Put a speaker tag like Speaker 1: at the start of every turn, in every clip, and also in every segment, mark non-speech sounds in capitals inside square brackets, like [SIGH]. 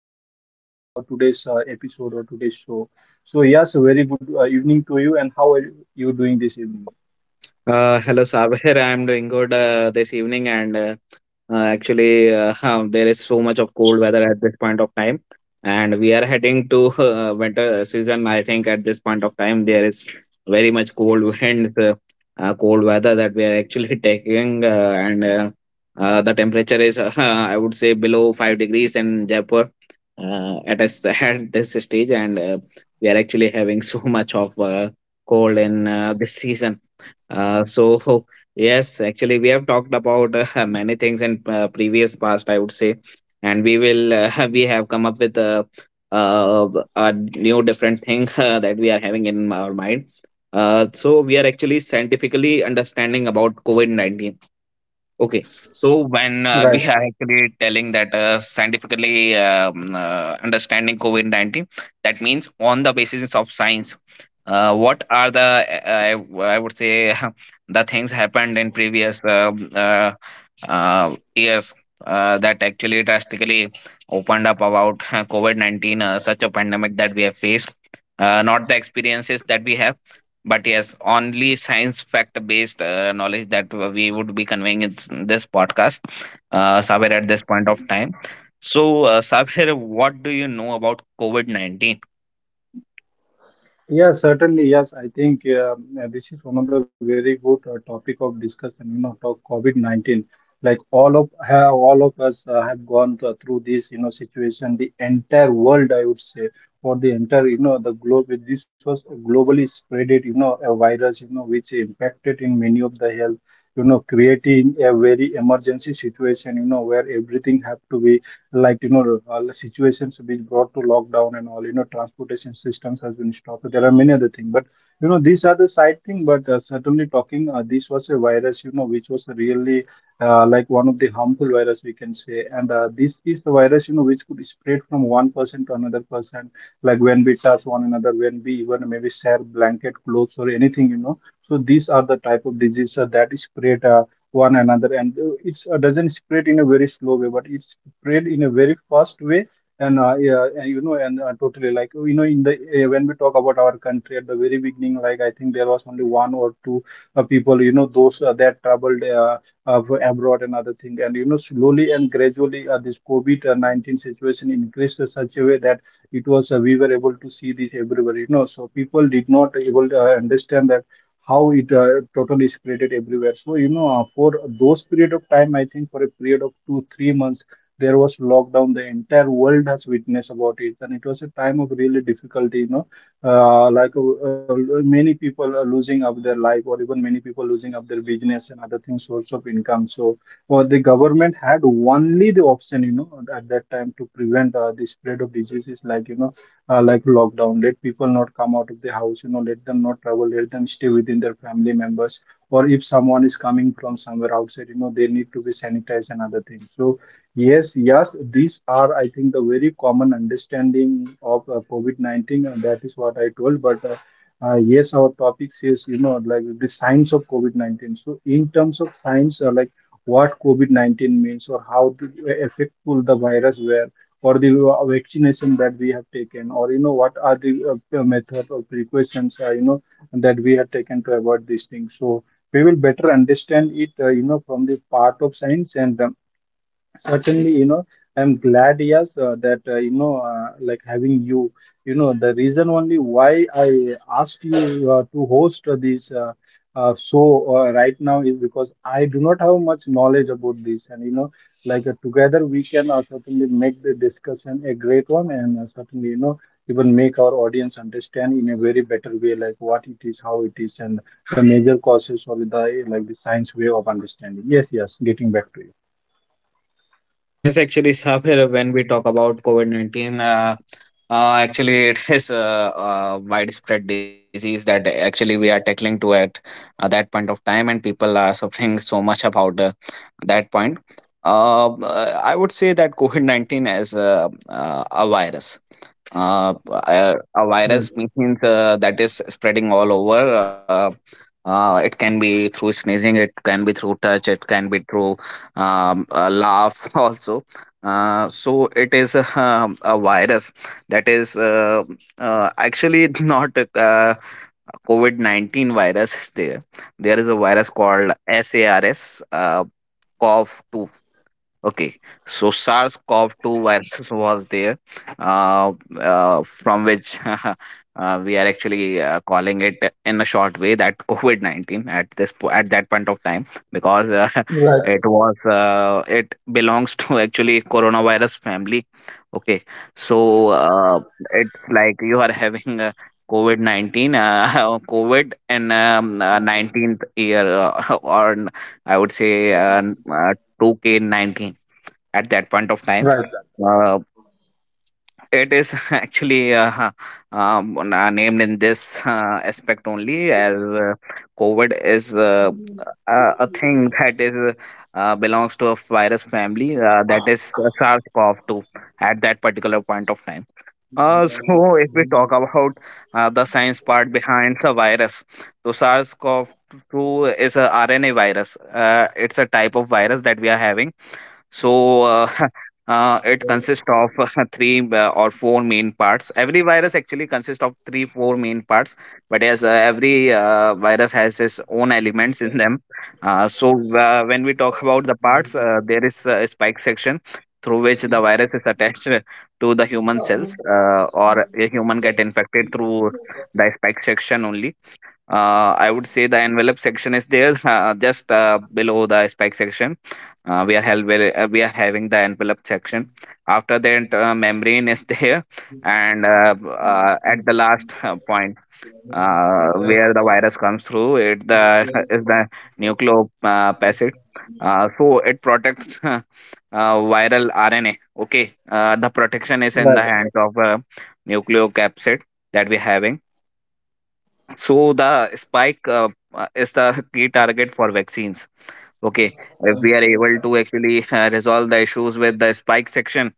Speaker 1: main host for today's episode or today's show. So, Yas, a very good evening to you, and how are you doing this evening?
Speaker 2: Hello, Saber. [LAUGHS] I'm doing good, this evening, and actually, [LAUGHS] there is so much of cold weather at this point of time, and we are heading to [LAUGHS] winter season. I think at this point of time, there is very much cold [LAUGHS] winds, cold weather that we are actually [LAUGHS] taking, and the temperature is, [LAUGHS] I would say, below 5 degrees in Jaipur, at us [LAUGHS] at this stage, and we are actually having so much of cold in this season. So [LAUGHS] yes, actually, we have talked about [LAUGHS] many things in previous past, I would say, and we will [LAUGHS] we have come up with uh, a new different thing [LAUGHS] that we are having in our mind. So we are actually scientifically understanding about COVID-19. Okay, so when we
Speaker 1: Right.
Speaker 2: are actually telling that scientifically, understanding COVID 19, that means on the basis of science, what are the, I would say, [LAUGHS] the things happened in previous years, that actually drastically opened up about [LAUGHS] COVID 19, such a pandemic that we have faced, not the experiences that we have, but yes, only science fact based knowledge that we would be conveying in this podcast, Sabir, at this point of time. So Sabir, what do you know about covid-19?
Speaker 1: Yeah, certainly. Yes, I think this is one of the very good topic of discussion. You know, talk COVID-19. Like all of us have gone through this, you know, situation. The entire world, I would say, for the entire, you know, the globe. With This was globally spreaded, you know, a virus, you know, which impacted in many of the health, you know, creating a very emergency situation, you know, where everything have to be like, you know, all the situations which brought to lockdown and all, you know, transportation systems has been stopped. There are many other things, but you know these are the side thing. But certainly talking this was a virus, you know, which was really like one of the harmful virus, we can say. And this is the virus, you know, which could spread from one person to another person, like when we touch one another, when we even maybe share blanket, clothes or anything, you know. So these are the type of disease that is spread one another. And it's doesn't spread in a very slow way, but it's spread in a very fast way. And yeah, you know, and totally, like, you know, in the when we talk about our country at the very beginning, like I think there was only one or two people, you know, those that traveled uh, abroad and other thing. And you know, slowly and gradually this COVID-19 situation increased in such a way that it was we were able to see this everywhere, you know. So people did not able to understand that how it totally spreaded everywhere. So, you know, for those period of time, I think for a period of two, 3 months, there was lockdown. The entire world has witnessed about it, and it was a time of really difficulty. You know, uh, like uh, uh, many people are losing of their life, or even many people losing of their business and other things, source of income. So, the government had only the option, you know, at that time to prevent the spread of diseases, like, you know, like lockdown, let people not come out of the house, you know, let them not travel, let them stay within their family members. Or if someone is coming from somewhere outside, you know, they need to be sanitized and other things. So yes, yes, these are, I think, the very common understanding of COVID-19, and that is what I told. But yes, our topic is, you know, like the signs of COVID-19. So in terms of signs, like what COVID-19 means, or how effectful the virus were, or the vaccination that we have taken, or you know, what are the method or precautions, you know, that we have taken to avoid these things. So we will better understand it, you know, from the part of science. And certainly, you know, I'm glad, yes, that, you know, like having you, you know, the reason only why I asked you to host this show right now is because I do not have much knowledge about this. And, you know, like together we can certainly make the discussion a great one. And certainly, you know, even make our audience understand in a very better way, like what it is, how it is, and the major causes of the, like the science way of understanding. Yes, yes, getting back to
Speaker 2: Yes, actually, Sahir, when we talk about COVID 19, actually, it is a widespread disease that actually we are tackling to at that point of time, and people are suffering so much about that point. I would say that COVID 19 is a virus. Uh, a
Speaker 1: you. Right.
Speaker 2: virus means, that is spreading all over. It can be through sneezing, it can be through touch, it can be through laugh [LAUGHS] also. So it is a virus that is actually [LAUGHS] not, COVID 19 virus is there. There is a virus called SARS, COV. Okay, so SARS-CoV-2 virus [LAUGHS] was there, from which [LAUGHS] we are actually calling it in a short way that [LAUGHS] COVID-19 at at that point of time, because
Speaker 1: Right.
Speaker 2: [LAUGHS] it belongs to [LAUGHS] actually coronavirus family. Okay, so it's like you are [LAUGHS] having a COVID-19, [LAUGHS] COVID and 19th year, [LAUGHS] or I would say, 2K19 at that point of
Speaker 1: Right.
Speaker 2: time. Uh, it is [LAUGHS] actually named in this aspect only as COVID is a thing [LAUGHS] that is, belongs to a virus family, that is SARS-CoV-2 at that particular point of time. [LAUGHS] So if we talk about the science part behind the virus, so SARS-CoV-2 is a RNA virus. It's a type of virus that we are having. So [LAUGHS] it consists of [LAUGHS] three or four main parts. Every virus actually consists of three, four main parts, but as every virus has its own elements in them. So when we talk about the parts, there is a spike section through which the virus is attached to the human cells, or a human get infected through the spike section only. I would say the envelope section is there, [LAUGHS] just below the spike section. We are held, well, we are having the envelope section. After that, membrane is [LAUGHS] there, and at the last point, where the virus comes through, it the [LAUGHS] is the nucleopacid. So it protects [LAUGHS] viral RNA. Okay, the protection is in
Speaker 1: Right.
Speaker 2: the hands of nucleocapsid that we're having. So the spike is the key target for vaccines. Okay, if we are able to actually resolve the issues with the spike section,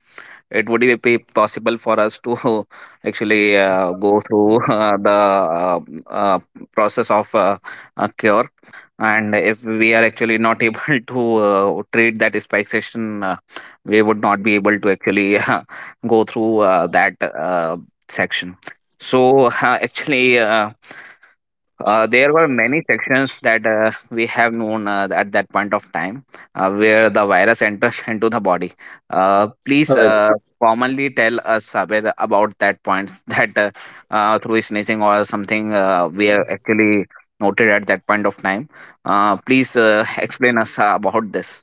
Speaker 2: it would be possible for us to [LAUGHS] actually go through [LAUGHS] the uh, process of a cure. And if we are actually not able [LAUGHS] to treat that spike section, we would not be able to actually [LAUGHS] go through that section. So [LAUGHS] actually. There were many sections that we have known at that point of time, where the virus enters [LAUGHS] into the body. Please
Speaker 1: Right.
Speaker 2: commonly tell us, Sabir, about that points [LAUGHS] that through sneezing or something we have actually noted at that point of time. Please [LAUGHS] explain us about this.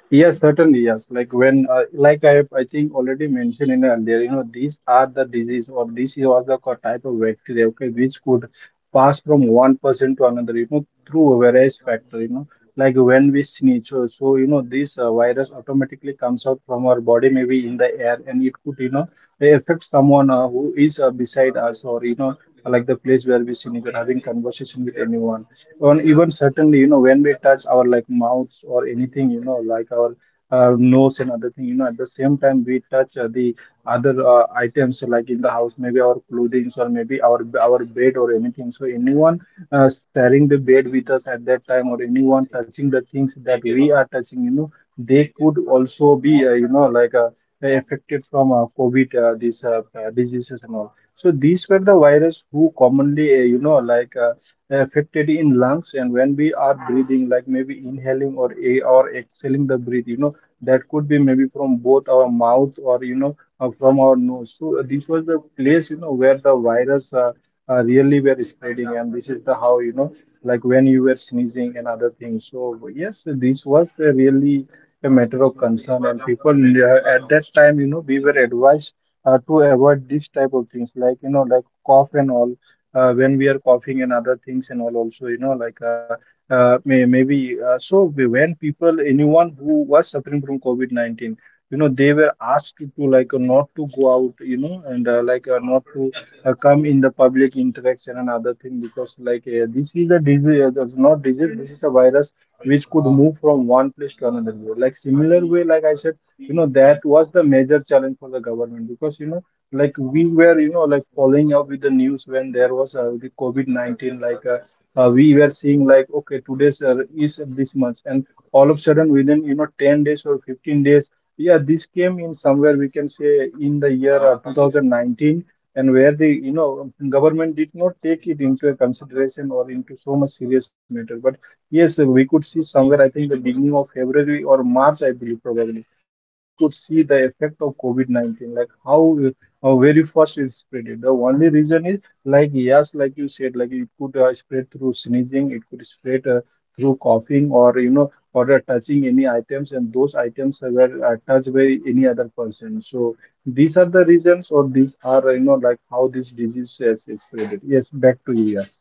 Speaker 1: Yes, certainly, yes. Like when, like I think already mentioned in earlier, you know, these are the disease, or this was the type of bacteria, okay, which could pass from one person to another, you know, through various factor, you know, like when we sneeze. So you know, this virus automatically comes out from our body, maybe in the air, and it could, you know, affect someone who is beside us, or, you know, like the place where we sneeze or having conversation with anyone, on. Even certainly, you know, when we touch our like mouths or anything, you know, like our nose and other thing, you know, at the same time we touch the other items, like in the house, maybe our clothing, or maybe our bed or anything. So anyone sharing the bed with us at that time, or anyone touching the things that we are touching, you know, they could also be, you know, like affected from COVID, these diseases and all. So these were the virus who commonly, you know, like affected in lungs. And when we are breathing, like maybe inhaling or a or exhaling the breath, you know, that could be maybe from both our mouth, or you know, from our nose. So this was the place, you know, where the virus really were spreading. And this is the how, you know, like when you were sneezing and other things. So yes, this was a really a matter of concern, and people at that time, you know, we were advised to avoid this type of things, like you know, like cough and all, when we are coughing and other things. And all also, you know, like maybe when people, anyone who was suffering from COVID-19, you know, they were asked to like not to go out, you know. And like not to come in the public interaction and other thing, because like this is a disease that's not disease, this is a virus which could move from one place to another, like similar way, like I said, you know. That was the major challenge for the government, because you know, like we were, you know, like following up with the news, when there was the COVID-19, like we were seeing, like, okay, today's is this month, and all of a sudden within, you know, 10 days or 15 days, yeah, this came in somewhere, we can say in the year 2019. And where the, you know, government did not take it into a consideration or into so much serious matter. But yes, we could see somewhere, I think the beginning of February or March, I believe probably, you know, we could see the effect of COVID-19, like uh, how very fast it spread. It the only reason is, like, yes, like you said, like it could spread through sneezing, it could spread through coughing, or you know, or touching any items, and those items were touched by any other person. So these are the reasons, or these are, you know, like how this disease has is spreaded. Yes, back to you. Yes.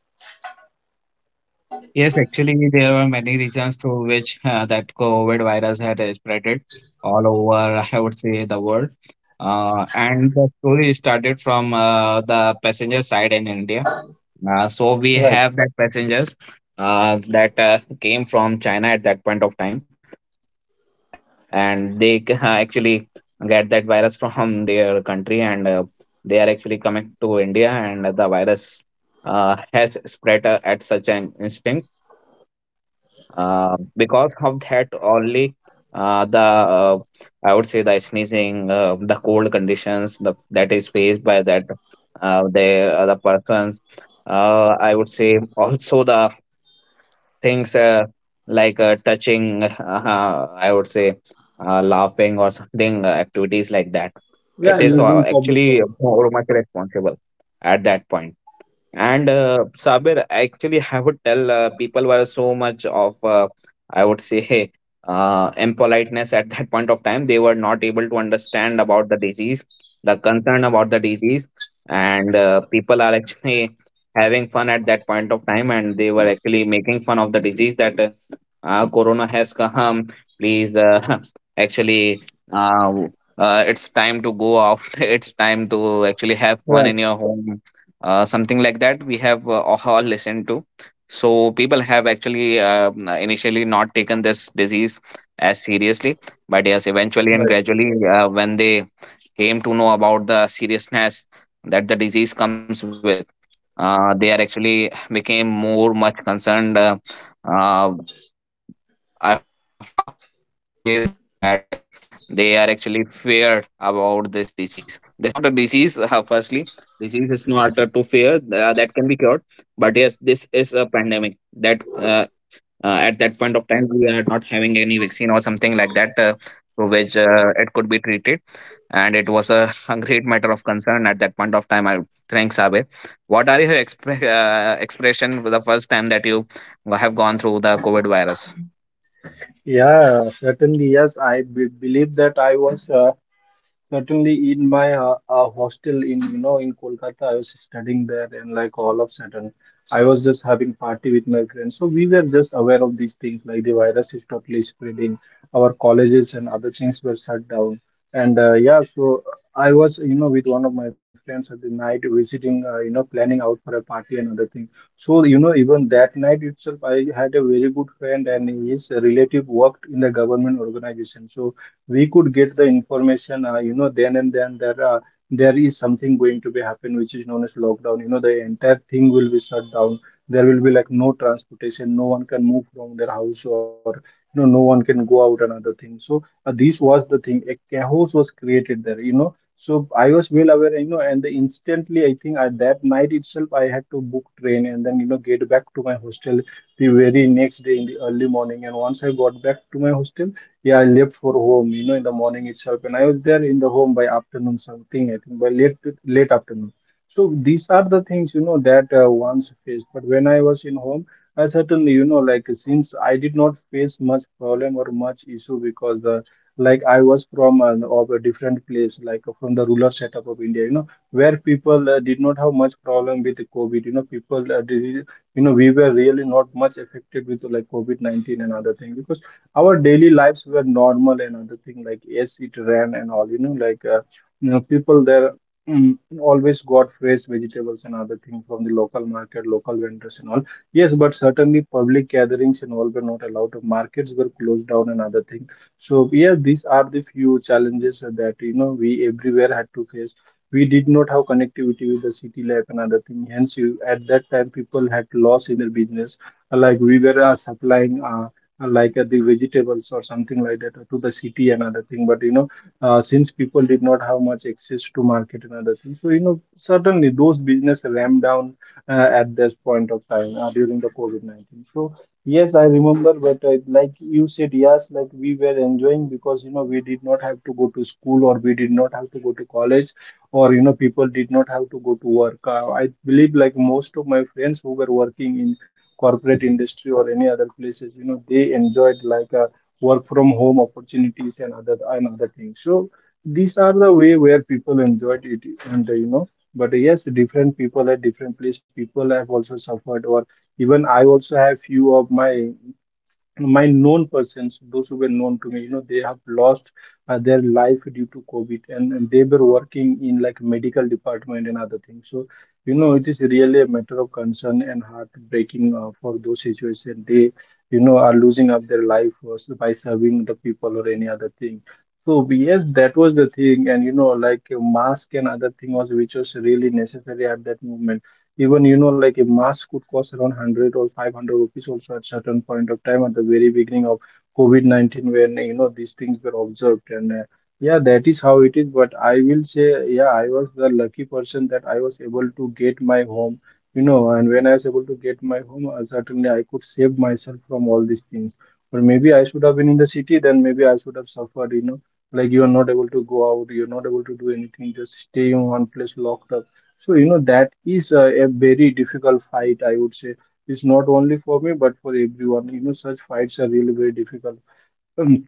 Speaker 2: Yes, actually, there were many reasons through which that COVID virus had spreaded all over, I would say, the world. And the story started from the passenger side in India. So we
Speaker 1: Right.
Speaker 2: have that passengers that came from China at that point of time, and actually get that virus from their country, and they are actually coming to India, and the virus has spread at such an instant, because of that only. The I would say the sneezing, the cold conditions the, that is faced by that, the other persons. I would say also the things like touching. [LAUGHS] I would say laughing or something, activities like that. It
Speaker 1: Yeah.
Speaker 2: is
Speaker 1: Using public
Speaker 2: actually
Speaker 1: property.
Speaker 2: more much responsible at that point. And Sabir, actually, I would tell people were so much of, I would say, [LAUGHS] impoliteness at that point of time. They were not able to understand about the disease, the concern about the disease, and people are actually [LAUGHS] having fun at that point of time, and they were actually making fun of the disease that corona has come. Please [LAUGHS] actually uh, w- it's time to go out. [LAUGHS] It's time to actually have fun
Speaker 1: Right.
Speaker 2: in your home. Something like that we have all listened to. So people have actually initially not taken this disease as seriously, but yes, eventually and
Speaker 1: Right.
Speaker 2: gradually, when they came to know about the seriousness that the disease comes with, they are actually became more much concerned. Uh, [LAUGHS] I would say that they are actually feared about this disease. This is not a disease. Firstly, disease is not to fear, that can be cured, but yes, this is a pandemic that at that point of time we are not having any vaccine or something like that through which it could be treated. And it was [LAUGHS] a great matter of concern at that point of time. I think, Sabe, what are your expression for the first time that you have gone through the covid virus?
Speaker 1: Yeah, certainly. Yes, I believe that I was, certainly, in my hostel in, you know, in Kolkata. I was studying there, and like all of a sudden, I was just having party with my friends. So we were just aware of these things, like the virus is totally spreading. Our colleges and other things were shut down, and yeah. So I was, you know, with one of my friends at the night visiting, you know, planning out for a party and other thing. So you know, even that night itself, I had a very good friend, and his relative worked in the government organization. So we could get the information, you know, then and then, that there is something going to be happen, which is known as lockdown, you know. The entire thing will be shut down, there will be like no transportation, no one can move from their house, or you know, no one can go out and other things. So this was the thing, a chaos was created there, you know. So I was well aware, you know, and the instantly I think that night itself I had to book train, and then you know, get back to my hostel the very next day in the early morning. And once I got back to my hostel, yeah, I left for home, you know, in the morning itself, and I was there in the home by afternoon something, I think by late afternoon. So these are the things, you know, that once faced. But when I was in home, I certainly, you know, like since I did not face much problem or much issue because the like I was from of a different place, like from the rural setup of India, you know, where people did not have much problem with the COVID. You know, people, did, you know, we were really not much affected with like COVID-19 and other things, because our daily lives were normal and other thing, like yes it ran and all, you know, like you know people there always got fresh vegetables and other thing from the local market, local vendors and all. Yes, but certainly public gatherings and all were not allowed, markets were closed down and other thing. So yeah, these are the few challenges that, you know, we everywhere had to face. We did not have connectivity with the city life and other thing, hence at that time people had loss in their business. Like we were supplying like the vegetables or something like that to the city and other thing, but you know since people did not have much access to market and other things, so you know certainly those business ramped down at this point of time during the COVID-19. So yes, I remember, but like you said, yes, like we were enjoying, because you know we did not have to go to school or we did not have to go to college, or you know people did not have to go to work. I believe like most of my friends who were working in corporate industry or any other places, you know, they enjoyed like a work from home opportunities and other things. So these are the way where people enjoyed it. And you know, but yes, different people at different place, people have also suffered, or even I also have few of my known persons, those who were known to me, you know, they have lost their life due to COVID, and they were working in like medical department and other things. So, you know, it is really a matter of concern and heartbreaking for those situations. They, you know, are losing up their life was by serving the people or any other thing. So yes, that was the thing, and you know, like a mask and other thing was which was really necessary at that moment. Even, you know, like a mask could cost around 100 or 500 rupees also at certain point of time, at the very beginning of COVID-19, when you know these things were observed. And yeah, that is how it is. But I will say, yeah, I was the lucky person that I was able to get my home, you know, and when I was able to get my home, certainly I could save myself from all these things. Or maybe I should have been in the city, then maybe I should have suffered, you know, like you are not able to go out, you're not able to do anything, just stay in one place locked up. So, you know, that is a very difficult fight, I would say. It's not only for me, but for everyone. You know, such fights are really very difficult. Um,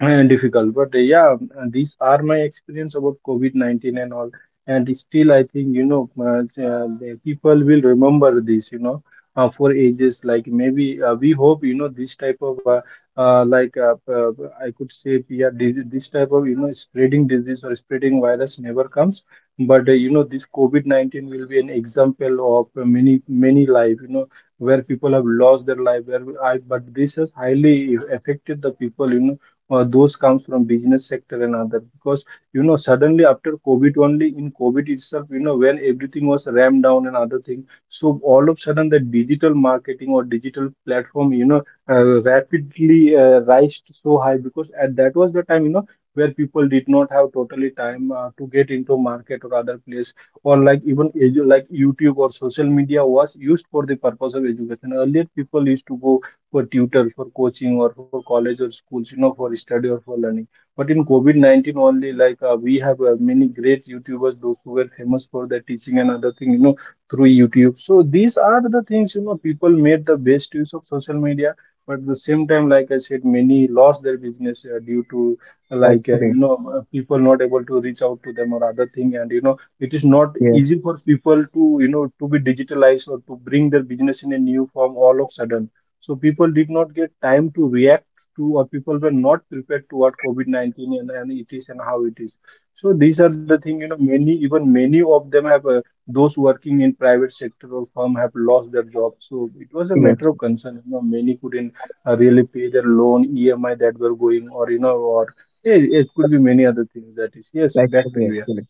Speaker 1: uh, difficult but yeah, these are my experience about COVID-19 and all. And still I think, you know, it's, the people will remember this, you know, for ages, like maybe we hope, you know, this type of uh, like uh, uh, I could say, yeah, this type of, you know, spreading disease or spreading virus never comes. But you know, this COVID-19 will be an example of many life, you know, where people have lost their life, where I, but this has highly affected the people, you know, those comes from business sector and other, because you know suddenly after COVID, only in COVID itself, you know, when everything was rammed down and other thing. So all of sudden, that digital marketing or digital platform, you know, rapidly rise so high, because at that was the time, you know, where people did not have totally time to get into market or other place. Or like, even like YouTube or social media was used for the purpose of education. Earlier people used to go for tutor, for coaching, or for college or schools, you know, for study or for learning. But in COVID 19 only, like we have many great YouTubers, those who were famous for their teaching and other thing, you know, through YouTube. So these are the things, you know, people made the best use of social media. But at the same time, like I said, many lost their business due to
Speaker 2: Actually,
Speaker 1: like you know people not able to reach out to them or other thing, and you know it is
Speaker 2: yes,
Speaker 1: not easy for people to, you know, to be digitalized or to bring their business in a new form all of sudden. So people did not get time to react to, or people were not prepared to what COVID-19 and it is and how it is. So these are the thing, you know, many, even many of them have, those working in private sector or firm have lost their jobs. So it was a
Speaker 2: yes,
Speaker 1: matter of concern, you know, many couldn't really pay their loan, EMI that were going, or, you know, or it could be many other things that is. Yes, back to
Speaker 2: actually,
Speaker 1: you, yes.
Speaker 2: actually.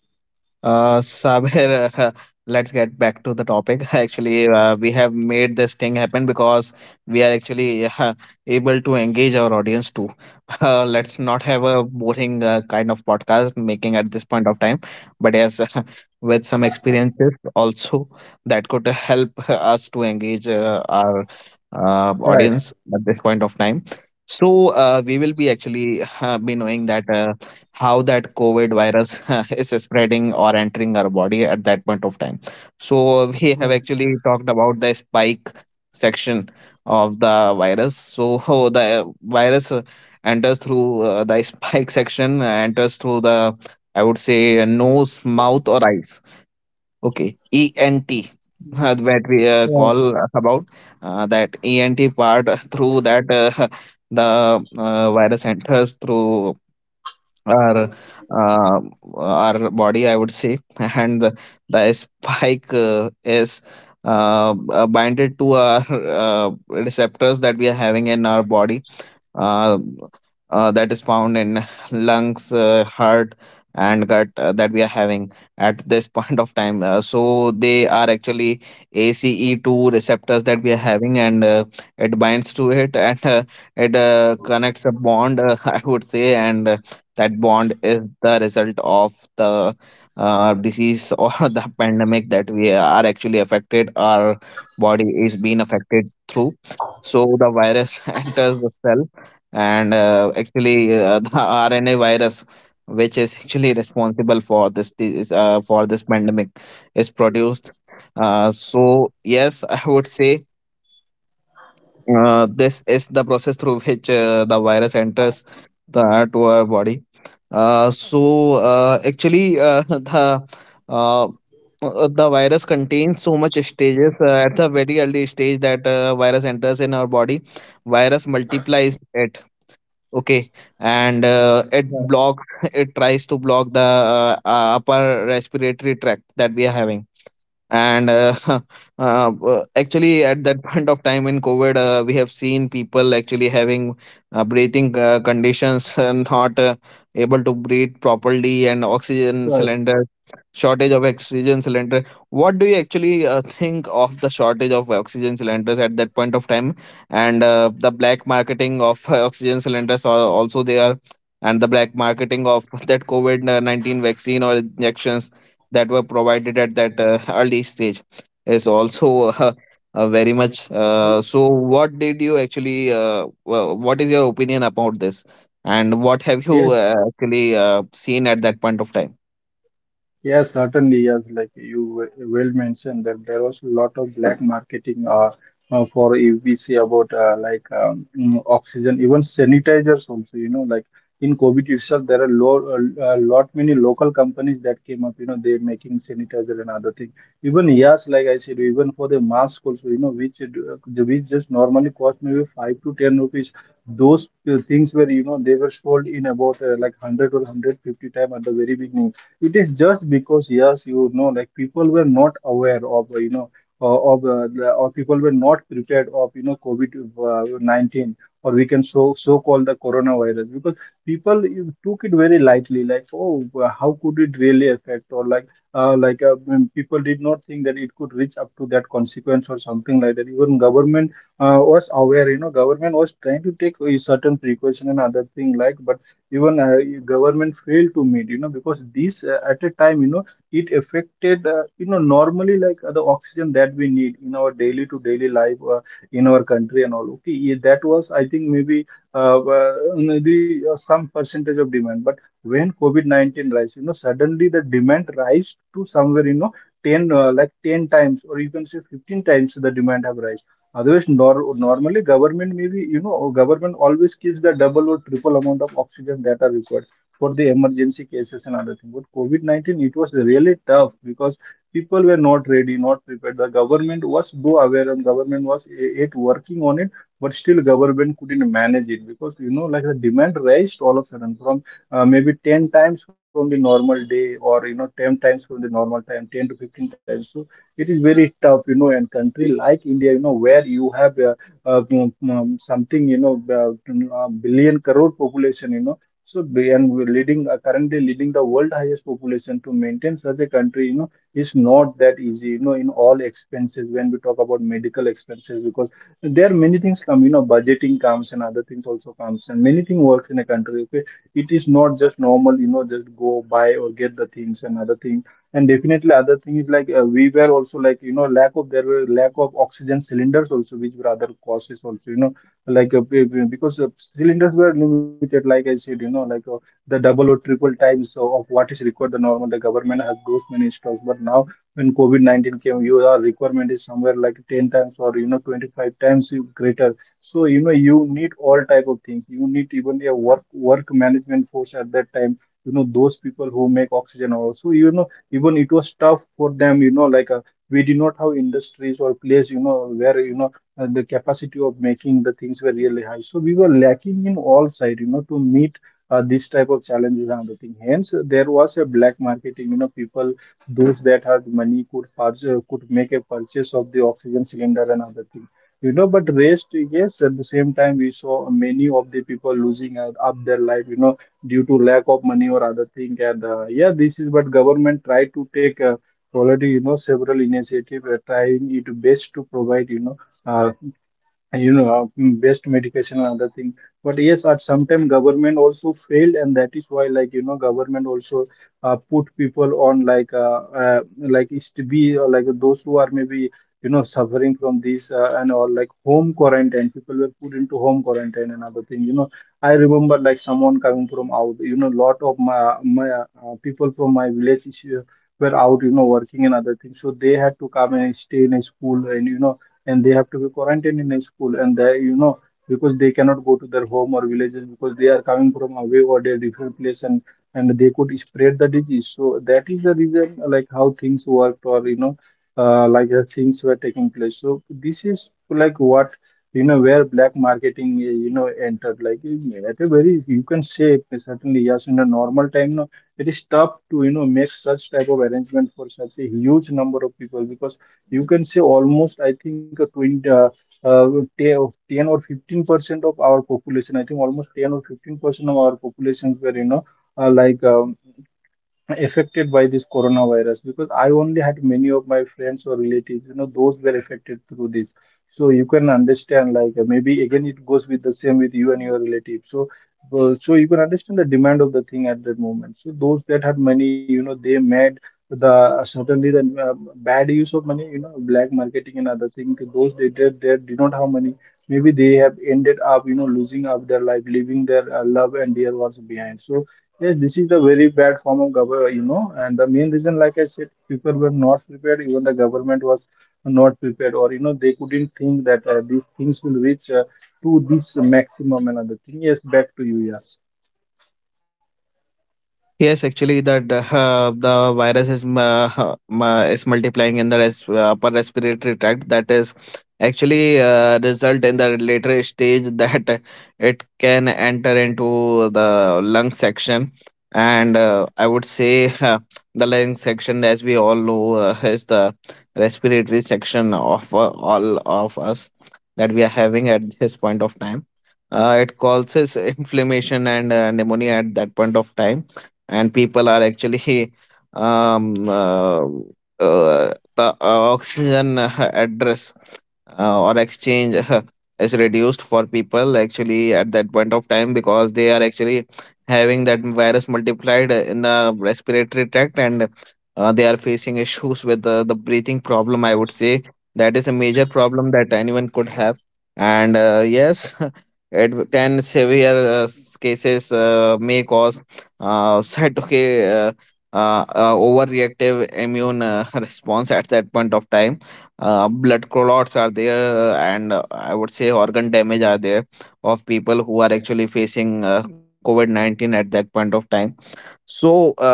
Speaker 2: Sabir, [LAUGHS] let's get back to the topic. [LAUGHS] Actually, we have made this thing happen because we are actually [LAUGHS] able to engage our audience too. [LAUGHS] Let's not have a boring kind of podcast making at this point of time, but yes, [LAUGHS] with some experiences also that could help [LAUGHS] us to engage our
Speaker 1: Right.
Speaker 2: audience at this point of time. So, we will be actually [LAUGHS] be knowing that. How that COVID virus [LAUGHS] is spreading or entering our body at that point of time. So we have
Speaker 1: Right.
Speaker 2: actually talked about the spike section of the virus. So [LAUGHS] the virus enters through the [LAUGHS] spike section, enters through the, I would say, nose, mouth, or eyes. Okay, ENT.
Speaker 1: Mm.
Speaker 2: That we
Speaker 1: Right.
Speaker 2: call about, that ENT part [LAUGHS] through that, [LAUGHS] the virus enters through our uh, our body, I would say, [LAUGHS] and the spike is binded to our [LAUGHS] receptors that we are having in our body, uh, that is found in [LAUGHS] lungs, heart, and gut, that we are having at this [LAUGHS] point of time. So they are actually ACE2 receptors that we are having, and it binds to it, and it connects a bond, [LAUGHS] I would say, and that bond is the result of the disease or [LAUGHS] the pandemic that we are actually affected. Our body is being affected through. So the virus [LAUGHS] enters the cell, and actually, [LAUGHS] the RNA virus, which is actually responsible for for this pandemic, is produced. So yes, [LAUGHS] I would say this is the process through which the virus enters the to our body. So actually [LAUGHS] uh, the virus contains so much stages at the very early stage that virus enters in our body, virus multiplies, okay, and it blocks. [LAUGHS] it tries to block the upper respiratory tract that we are having. And [LAUGHS] w- Actually, at that [LAUGHS] point of time in COVID, we have seen people actually having breathing conditions and not able to breathe properly, and oxygen
Speaker 1: Right.
Speaker 2: cylinder shortage of oxygen cylinder. What do you actually think of the shortage of oxygen cylinders at that point of time, and the black marketing of oxygen cylinders are also there, and the black marketing of [LAUGHS] that covid-19 vaccine or injections that were provided at that [LAUGHS] early stage is also [LAUGHS] very much.
Speaker 1: Right.
Speaker 2: So, what did you actually? What is your opinion about this, and what have
Speaker 1: Yes.
Speaker 2: you actually seen at that point of time?
Speaker 1: Yes, certainly. Yes, like you well mentioned that there was a lot of black marketing for, if we see about like oxygen, even sanitizers also. You know, like in COVID itself, there are lo a lot many local companies that came up. You know, they making sanitizer and other thing. Even yes, like I said, even for the mask also. You know, which it, which just normally cost maybe 5 to 10 rupees. Those things were, you know, they were sold in about like 100 or 150 time at the very beginning. It is just because, yes, you know, like people were not aware of, you know, of, or people were not prepared of, you know, COVID 19, or we can so call the coronavirus, because people you took it very lightly, like, oh, how could it really affect, or like like, when people did not think that it could reach up to that consequence or something like that. Even government was aware, you know, government was trying to take a certain precaution and other thing, like even government failed to meet, you know, because this at a time, you know, it affected, you know, normally like the oxygen that we need in our daily to daily life in our country and all. Okay, yeah, that was I think maybe uh, uh, the some percentage of demand. But when COVID-19 rise, you know, suddenly the demand rise to somewhere, you know, 10 like 10 times, or you can say 15 times, the demand have risen. Otherwise, nor normally government, maybe, you know, government always keeps the double or triple amount of oxygen that are required for the emergency cases and other things. But COVID-19, it was really tough, because people were not ready, not prepared. The government was, though, aware, and government was it working on it, but still government couldn't manage it, because you know like the demand raised all of a sudden from maybe 10 times from the normal day, or you know 10 times from the normal time, 10 to 15 times. So it is very tough, and country like India, where you have something, uh, a billion crore population, you know. And we're leading currently leading the world highest population. To maintain such a country is not that easy, in all expenses, when we talk about medical expenses, because there are many things come, budgeting comes and other things also comes, and many things works in a country. Okay, it is not just normal, just go buy or get the things and other things. And definitely other thing is like, we were also like, lack of, there were lack of oxygen cylinders also, which were other causes also, like be- because cylinders were limited, like I said, like the double or triple times of what is required, the normal. The government has those many stocks, but now when COVID-19 came, your requirement is somewhere like 10 times, or 25 times greater. So you need all type of things. You need even a work management force at that time, those people who make oxygen also, even it was tough for them, like, we did not have industries or place where, the capacity of making the things were really high. So we were lacking in all side, to meet this type of challenges and other thing. Hence, there was a black marketing, people those that had money could purchase, could make a purchase of the oxygen cylinder and other thing, but rest. Yes, at the same time we saw many of the people losing out up their life, due to lack of money or other thing. And yeah, this is what government try to take already, several initiative, trying it best to provide, you know, uh, and, you know waste medication and other thing. But yes, at sometimes government also failed, and that is why, like government also put people on, like is to be like those who are maybe suffering from this and all. Like home quarantine, people were put into home quarantine and other thing. You know, I remember like someone coming from out, lot of my people from my village is here, were out, working and other things. So they had to come and stay in a school, and and they have to be quarantined in a school, and they, because they cannot go to their home or villages, because they are coming from away or their different place, and they could spread the disease. So that is the reason, like how things worked, or like the things were taking place. So this is like what, where black marketing, entered, like at a very, you can say, certainly. Yes, in a normal time, no, it is tough to make such type of arrangement for such a huge number of people, because you can say almost, I think, a 20, uh, 10 or 15% of our population. I think almost 10 or 15% of our population were, like affected by this coronavirus, because I only had many of my friends or relatives, you know, those were affected through this. So you can understand, like, maybe again it goes with the same with you and your relatives. So, so you can understand the demand of the thing at that moment. So those that had money, you know, they made the certainly the bad use of money, you know, black marketing and other things. Those they did not have money. Maybe they have ended up, you know, losing up their life, leaving their love and dear ones behind. So yes, this is the very bad form of government, you know, and the main reason, like I said, people were not prepared. Even the government was not prepared, or you know, they couldn't think that these things will reach to this maximum. Another thing, yes, back to you, yes.
Speaker 2: Yes, actually, that the virus is multiplying in the upper respiratory tract. That is actually result in the later stage [LAUGHS] that it can enter into the lung section, and I would say the lung section, as we all know, is the respiratory section of all of us that we are having at this point of time. It causes inflammation and pneumonia at that point of time, and people are actually [LAUGHS] um, uh, uh, the oxygen address or exchange is reduced for people actually at that point of time because they are actually having that virus multiplied in the respiratory tract, and they are facing issues with the breathing problem, I would say. That is a major problem that anyone could have. And yes, [LAUGHS] can severe cases may cause said okay overreactive immune [LAUGHS] response at that point of time. Blood clots are there, and I would say organ damage are there of people who are actually facing covid-19 at that point of time. so uh,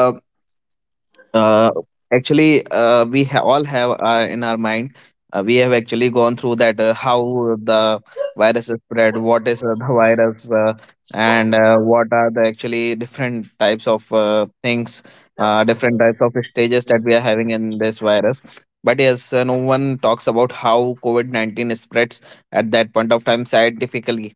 Speaker 2: uh, Actually, we all have in our mind. We have actually gone through that how the virus is spread, what is the [LAUGHS] virus, and what are the actually different types of things, different types of stages that we are having in this virus. But yes, no one talks about how COVID COVID-19 spreads at that point of time scientifically.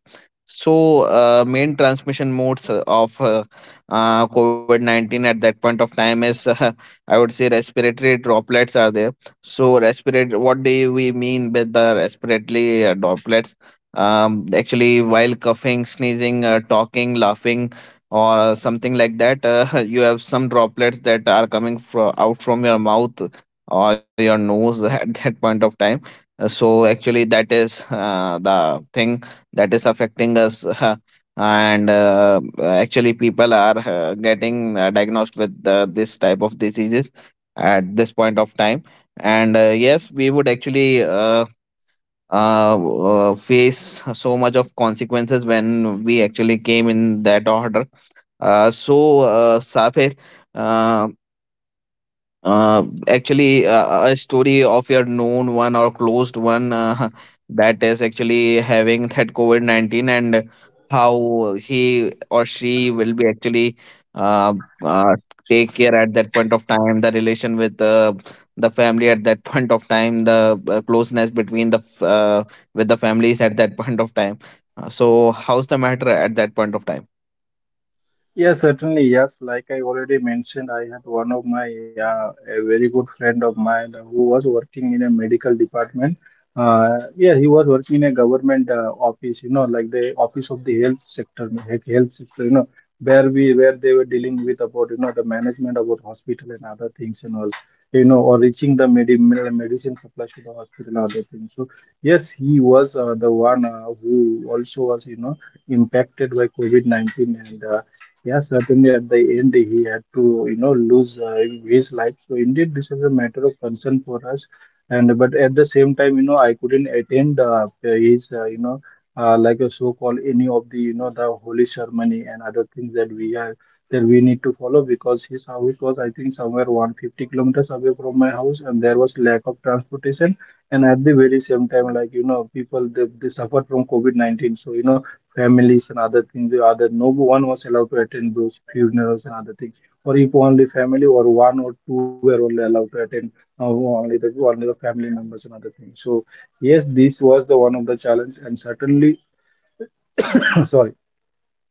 Speaker 2: So, main transmission modes of COVID COVID-19 at that point of time is, [LAUGHS] I would say, respiratory droplets are there. So respirate. What do we mean by the respiratory droplets? Actually, while coughing, sneezing, talking, laughing, or something like that, [LAUGHS] you have some droplets that are coming out from your mouth or your nose [LAUGHS] at that point of time. So actually, that is the thing that is affecting us. [LAUGHS] And actually people are getting diagnosed with this type of diseases at this point of time, and yes, we would actually uh, face so much of consequences when we actually came in that order. So, Safir, uh, actually, a story of your known one or closed one [LAUGHS] that is actually having that COVID COVID-19, and how he or she will be actually uh, uh, take care at that point of time, the relation with the family at that point of time, the closeness between with the families at that point of time. So, how's the matter at that point of time?
Speaker 1: Yes, certainly. Yes, like I already mentioned, I had one of my a very good friend of mine who was working in a medical department. Yeah, he was working in a government office, you know, like the office of the health sector, like health sector, you know, where we where they were dealing with about, you know, the management about hospital and other things and all, you know, or reaching the medicine supply to the hospital and other things. So yes, he was the one who also was, you know, impacted by COVID-19, and yeah, certainly at the end he had to, you know, lose his life. So indeed, this was a matter of concern for us. And but at the same time, you know, I couldn't attend his, you know, like a so-called any of the, you know, the holy ceremony and other things that we are that we need to follow, because his house was, I think, somewhere 150 kilometers away from my house, and there was lack of transportation. And at the very same time, like you know, people they suffered from COVID-19. So you know families and other things, the other no one was allowed to attend those funerals and other things. Or if only family or one or two were only allowed to attend, only the family members and other things. So yes, this was the one of the challenge, and certainly [COUGHS] [CLEARS THROAT] sorry.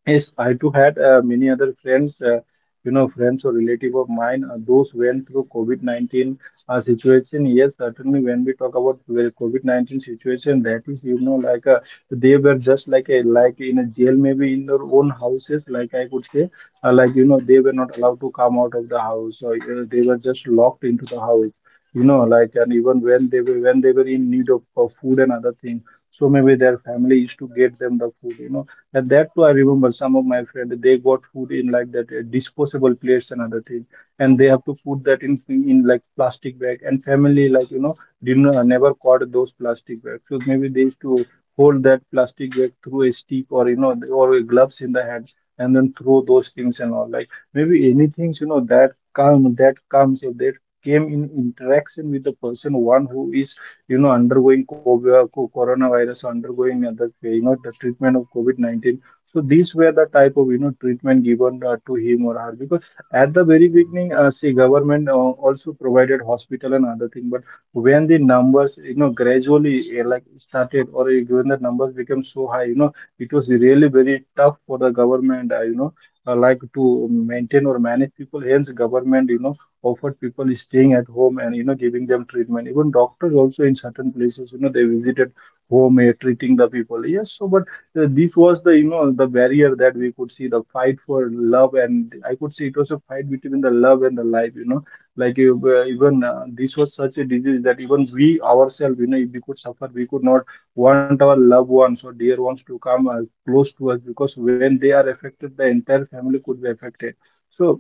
Speaker 1: Yes, I too had many other friends, you know, friends or relative of mine, those went through COVID-19 situation. Yes, certainly when we talk about the COVID-19 situation, that is, you know, like, they were just like a like in a jail, maybe in their own houses, like I could say, like you know, they were not allowed to come out of the house, or they were just locked into the house. You know, like, and even when they were in need of food and other things, so maybe their family used to get them the food. You know, and that too, I remember some of my friends, they got food in like that disposable plates and other things, and they have to put that in like plastic bag. And family, like you know, didn't never caught those plastic bags. So maybe they used to hold that plastic bag through a stick, or you know, or a gloves in the hand, and then throw those things and all. Like maybe anything you know that comes or that came in interaction with the person one who is, you know, undergoing COVID, coronavirus, undergoing other the, you know, the treatment of COVID-19. So these were the type of, you know, treatment given to him or her, because at the very beginning, see, government also provided hospital and other thing, but when the numbers, you know, gradually like started, or when the numbers became so high, you know, it was really very tough for the government, you know, like to maintain or manage people. Hence, government, you know, offered people staying at home, and you know giving them treatment. Even doctors also in certain places, you know, they visited home, treating the people. Yes, so but this was the, you know, the barrier that we could see, the fight for love, and I could see it was a fight between the love and the life, you know. Like, even this was such a disease that even we ourselves, you know, if we could suffer, we could not want our loved ones or dear ones to come close to us, because when they are affected the entire family could be affected. So,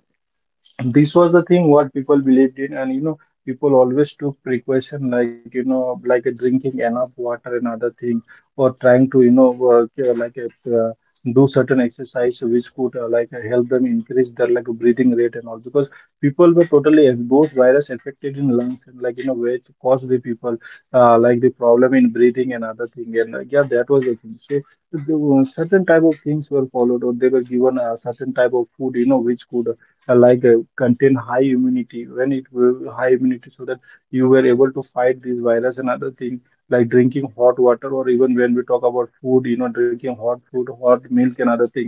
Speaker 1: and this was the thing what people believed in, and you know people always took precaution, like you know, like drinking enough water and other thing, or trying to, you know, work, like, do certain exercise which could, like, help them increase their like breathing rate and all, because people were those virus affected in lungs, and like you know where it caused the people, like, the problem in breathing and other thing. And, like, yeah, that was the thing. So the, certain type of things were followed, or they were given a certain type of food, you know, which could like, contain high immunity, when it will high immunity, so that you were able to fight this virus and other thing, like drinking hot water, or even when we talk about food, you know, drinking hot food, hot milk and other thing,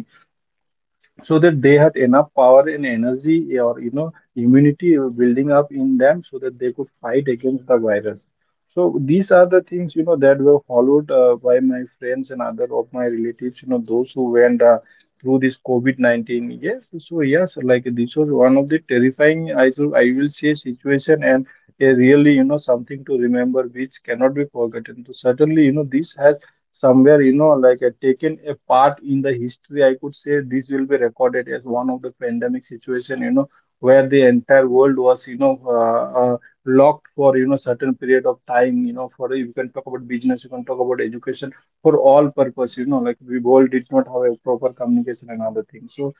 Speaker 1: so that they had enough power and energy, or you know immunity building up in them, so that they could fight against the virus. So these are the things, you know, that were followed by my friends and other of my relatives, you know, those who went through this COVID-19. Yes, so yes, like this was one of the terrifying, I will say, situation, and a really you know something to Remember, which cannot be forgotten. So certainly, you know, this has somewhere, you know, like taken a part in the history. I could say this will be recorded as one of the pandemic situation, you know, where the entire world was, you know, locked for, you know, certain period of time, you know. For you can talk about business, you can talk about education, for all purpose, you know, like we world did not have a proper communication and other things. So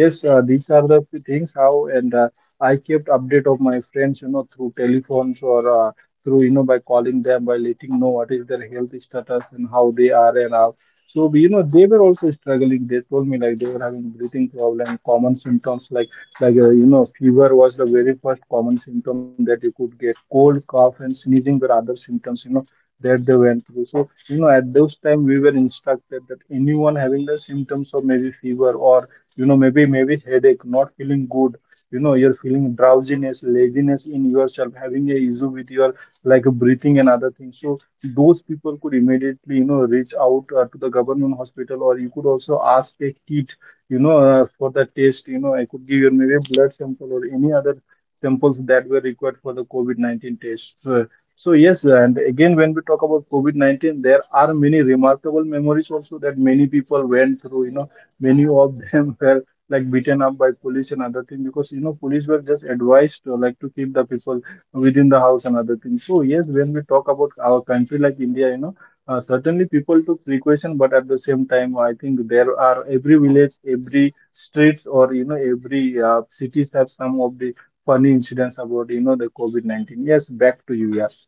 Speaker 1: yes, these are the things how. And I kept update of my friends, you know, through telephones or through, you know, by calling them, by letting know what is their health status and how they are and all. So you know, they were also struggling. They told me like they were having breathing problem, common symptoms, like you know, fever was the very first common symptom that you could get. Cold, cough and sneezing were other symptoms, you know, that they went through. So you know, at those time we were instructed that anyone having the symptoms of maybe fever, or you know, maybe headache, not feeling good, you know, you're feeling drowsiness, laziness in yourself, having a issue with your like breathing and other things. So those people could immediately, you know, reach out to the government hospital, or you could also ask a kit, you know, for the test. You know, I could give you maybe a blood sample or any other samples that were required for the COVID-19 test. So, so yes, and again, when we talk about COVID-19, there are many remarkable memories also that many people went through. You know, many of them [LAUGHS] were like beaten up by police and other thing, because you know, police were just advised to, like, to keep the people within the house and other things. So yes, when we talk about our country like India, you know, certainly people took precaution, but at the same time, I think there are every village, every streets, or you know, every cities have some of the funny incidents about, you know, the COVID 19. Yes, back to you. Yes.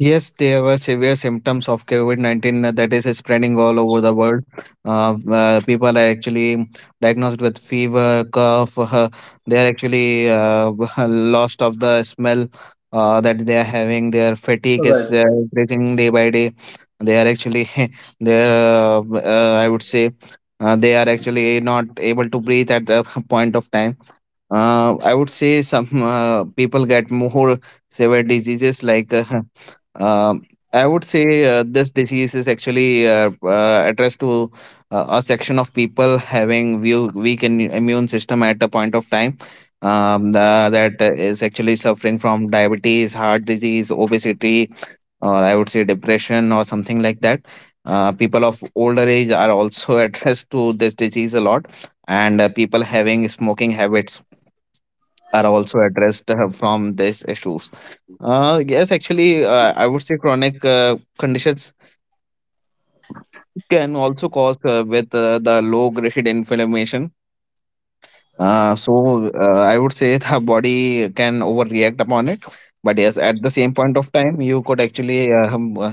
Speaker 2: Yes, there were severe symptoms of COVID COVID-19 that is spreading all over the world. People are actually diagnosed with fever, cough. They are actually [LAUGHS] lost of the smell that they are having. Their fatigue is
Speaker 1: Right.
Speaker 2: increasing day by day. They are actually, [LAUGHS] they are, I would say, they are actually not able to breathe at a [LAUGHS] point of time. I would say some people get more severe diseases like [LAUGHS] um, I would say this disease is actually addressed to a section of people having view, weak in, immune system at a point of time, um, the, that is actually suffering from diabetes, heart disease, obesity, or I would say depression or something like that. People of older age are also [LAUGHS] addressed to this disease a lot, and people having smoking habits are also addressed from these issues. Yes, actually, I would say chronic conditions can also cause with the low grade inflammation. I would say [LAUGHS] the body can overreact upon it, but yes, at the same point of time, you could actually uh, um, uh,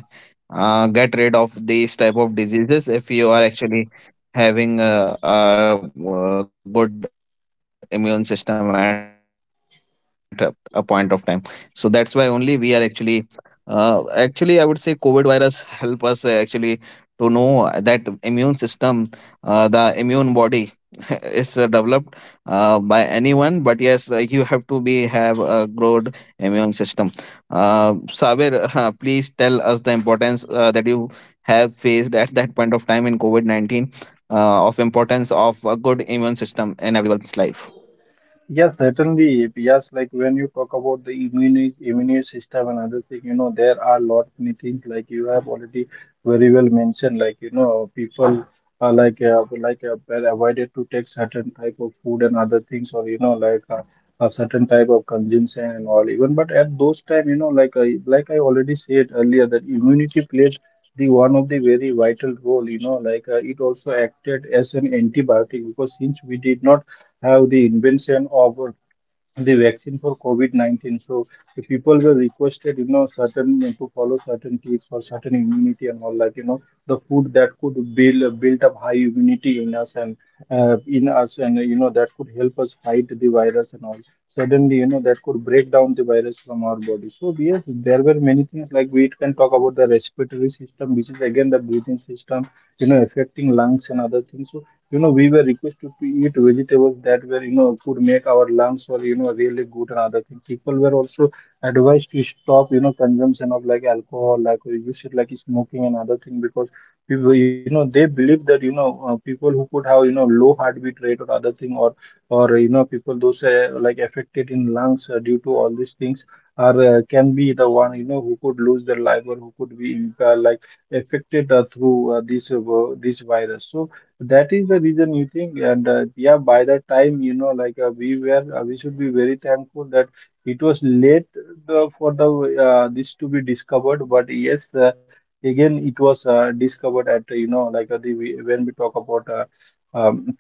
Speaker 2: uh, get rid of these type of diseases if you are actually having a good immune system at a point of time. So that's why only we are actually, actually, I would say COVID virus help us actually to know that immune system, the immune body [LAUGHS] is developed by anyone, but yes, you have to be have a good immune system uh, Sabir, [LAUGHS] please tell us the importance that you have faced at that point of time in covid-19, of importance of a good immune system in everyone's life.
Speaker 1: Yes, certainly. Yes, like when you talk about the immune system and other thing, you know, there are lot many things like you have already very well mentioned. Like you know, people are like well avoided to take certain type of food and other things, or you know, like a certain type of consumption and all. Even but at those time, you know, like I already said earlier that immunity played the one of the very vital role. You know, like it also acted as an antibiotic, because since we did not have the invention of the vaccine for COVID-19. So the people were requested, you know, certain to follow certain tips for certain immunity and all that. You know, the food that could build up high immunity in us, and you know, that could help us fight the virus and all. Suddenly, you know, that could break down the virus from our body. So yes, there were many things. Like we can talk about the respiratory system, which is again the breathing system, you know, affecting lungs and other things. So you know, we were requested to eat vegetables that were, you know, could make our lungs, or you know, really good and other things. People were also advised to stop, you know, consumption of like alcohol, like you said, like smoking and other thing, because people, you know, they believe that, you know, people who could have, you know, low heartbeat rate or other thing, or you know, people those like affected in lungs due to all these things are can be the one, you know, who could lose their life, or who could be like affected through this virus. So that is the reason, you think, and yeah, by the time, you know, like we should be very thankful that it was late for the this to be discovered. But yes, again, it was discovered at you know, like the when we talk about um,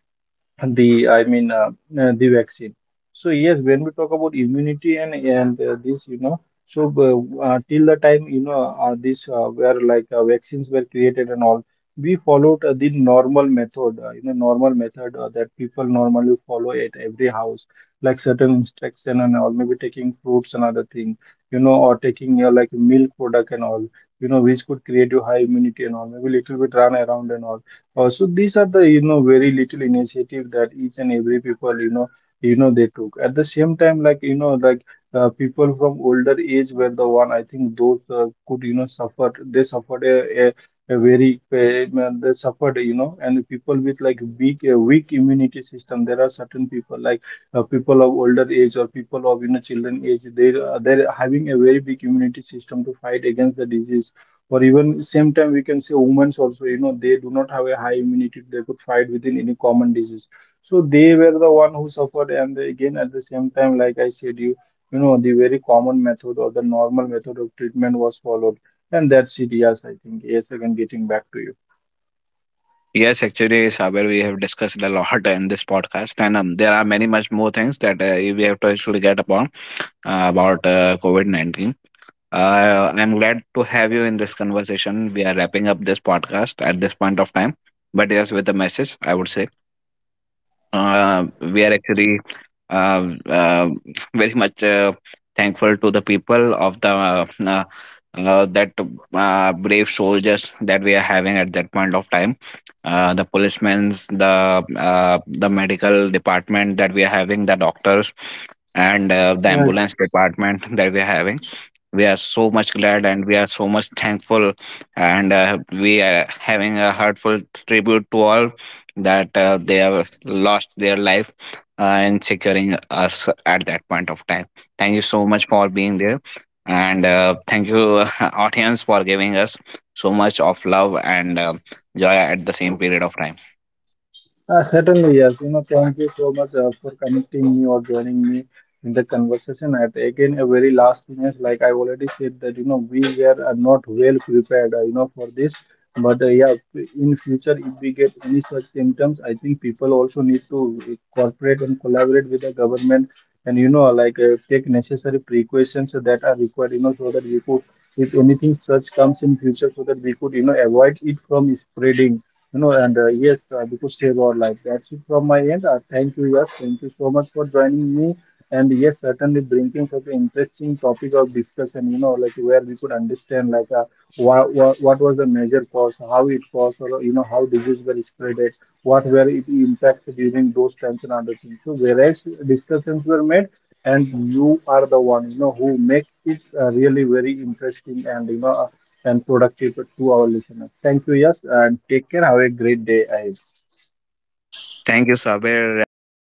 Speaker 1: the, I mean the vaccine. So yes, when we talk about immunity and this, you know, so till the time, you know, this where like vaccines were created and all, we followed the normal method, you know, normal method that people normally follow at every house, like certain instruction and all, maybe taking fruits and other thing, you know, or taking like milk product and all, you know, which could create you high immunity and all, maybe little bit run around and all. So these are the, you know, very little initiative that each and every people, you know, they took. At the same time, like you know, like people from older age were the one. I think those could, you know, suffered. They suffered a very they suffered, you know. And people with like weak immunity system, there are certain people like people of older age, or people of, you know, children age, they they're having a very big immunity system to fight against the disease. Or even same time, we can say women's also, you know, they do not have a high immunity, they could fight within any common disease. So they were the one who suffered. And again at the same time, like I said, you know, the very common method or the normal method of treatment was followed, and that's it. Yes, I think, yes, again getting back to you.
Speaker 2: Yes, actually, Saber, we have discussed a lot in this podcast, and there are many much more things that we have to actually get upon about COVID COVID-19. I'm glad to have you in this conversation. We are wrapping up this podcast at this point of time, but yes, with a message, I would say we are actually uh, uh, very much thankful to the people of the that brave soldiers that we are having at that point of time. The policemen, the medical department that we are having, the doctors, and the
Speaker 1: Yeah.
Speaker 2: ambulance department that we are having. We are so much glad and we are so much thankful, and we are having a heartfelt tribute to all that they have lost their life in securing us at that point of time. Thank you so much for being there, and thank you, [LAUGHS] audience, for giving us so much of love and joy at the same period of time.
Speaker 1: Certainly, yes. You know, thank you so much for connecting me or joining me in the conversation. At again, a very last minute, like I already said that, you know, we were not well prepared, you know, for this. But yeah, in future, if we get any such symptoms, I think people also need to cooperate and collaborate with the government, and you know, like take necessary precautions that are required, you know, so that we could, if anything such comes in future, so that we could, you know, avoid it from spreading, you know, and yes, because save our life. That's it from my end. Thank you, yes, thank you so much for joining me. And yes, certainly bringing such an interesting topic of discussion. You know, like where we could understand like what was the major cause, how it caused, or you know, how disease were spreaded, what were it impacted during those times and other things. So various discussions were made, and you are the one, you know, who makes it really very interesting, and you know, and productive to our listeners. Thank you, yes, and take care. Have a great day ahead.
Speaker 2: Thank you, Sabir. Wrapping up,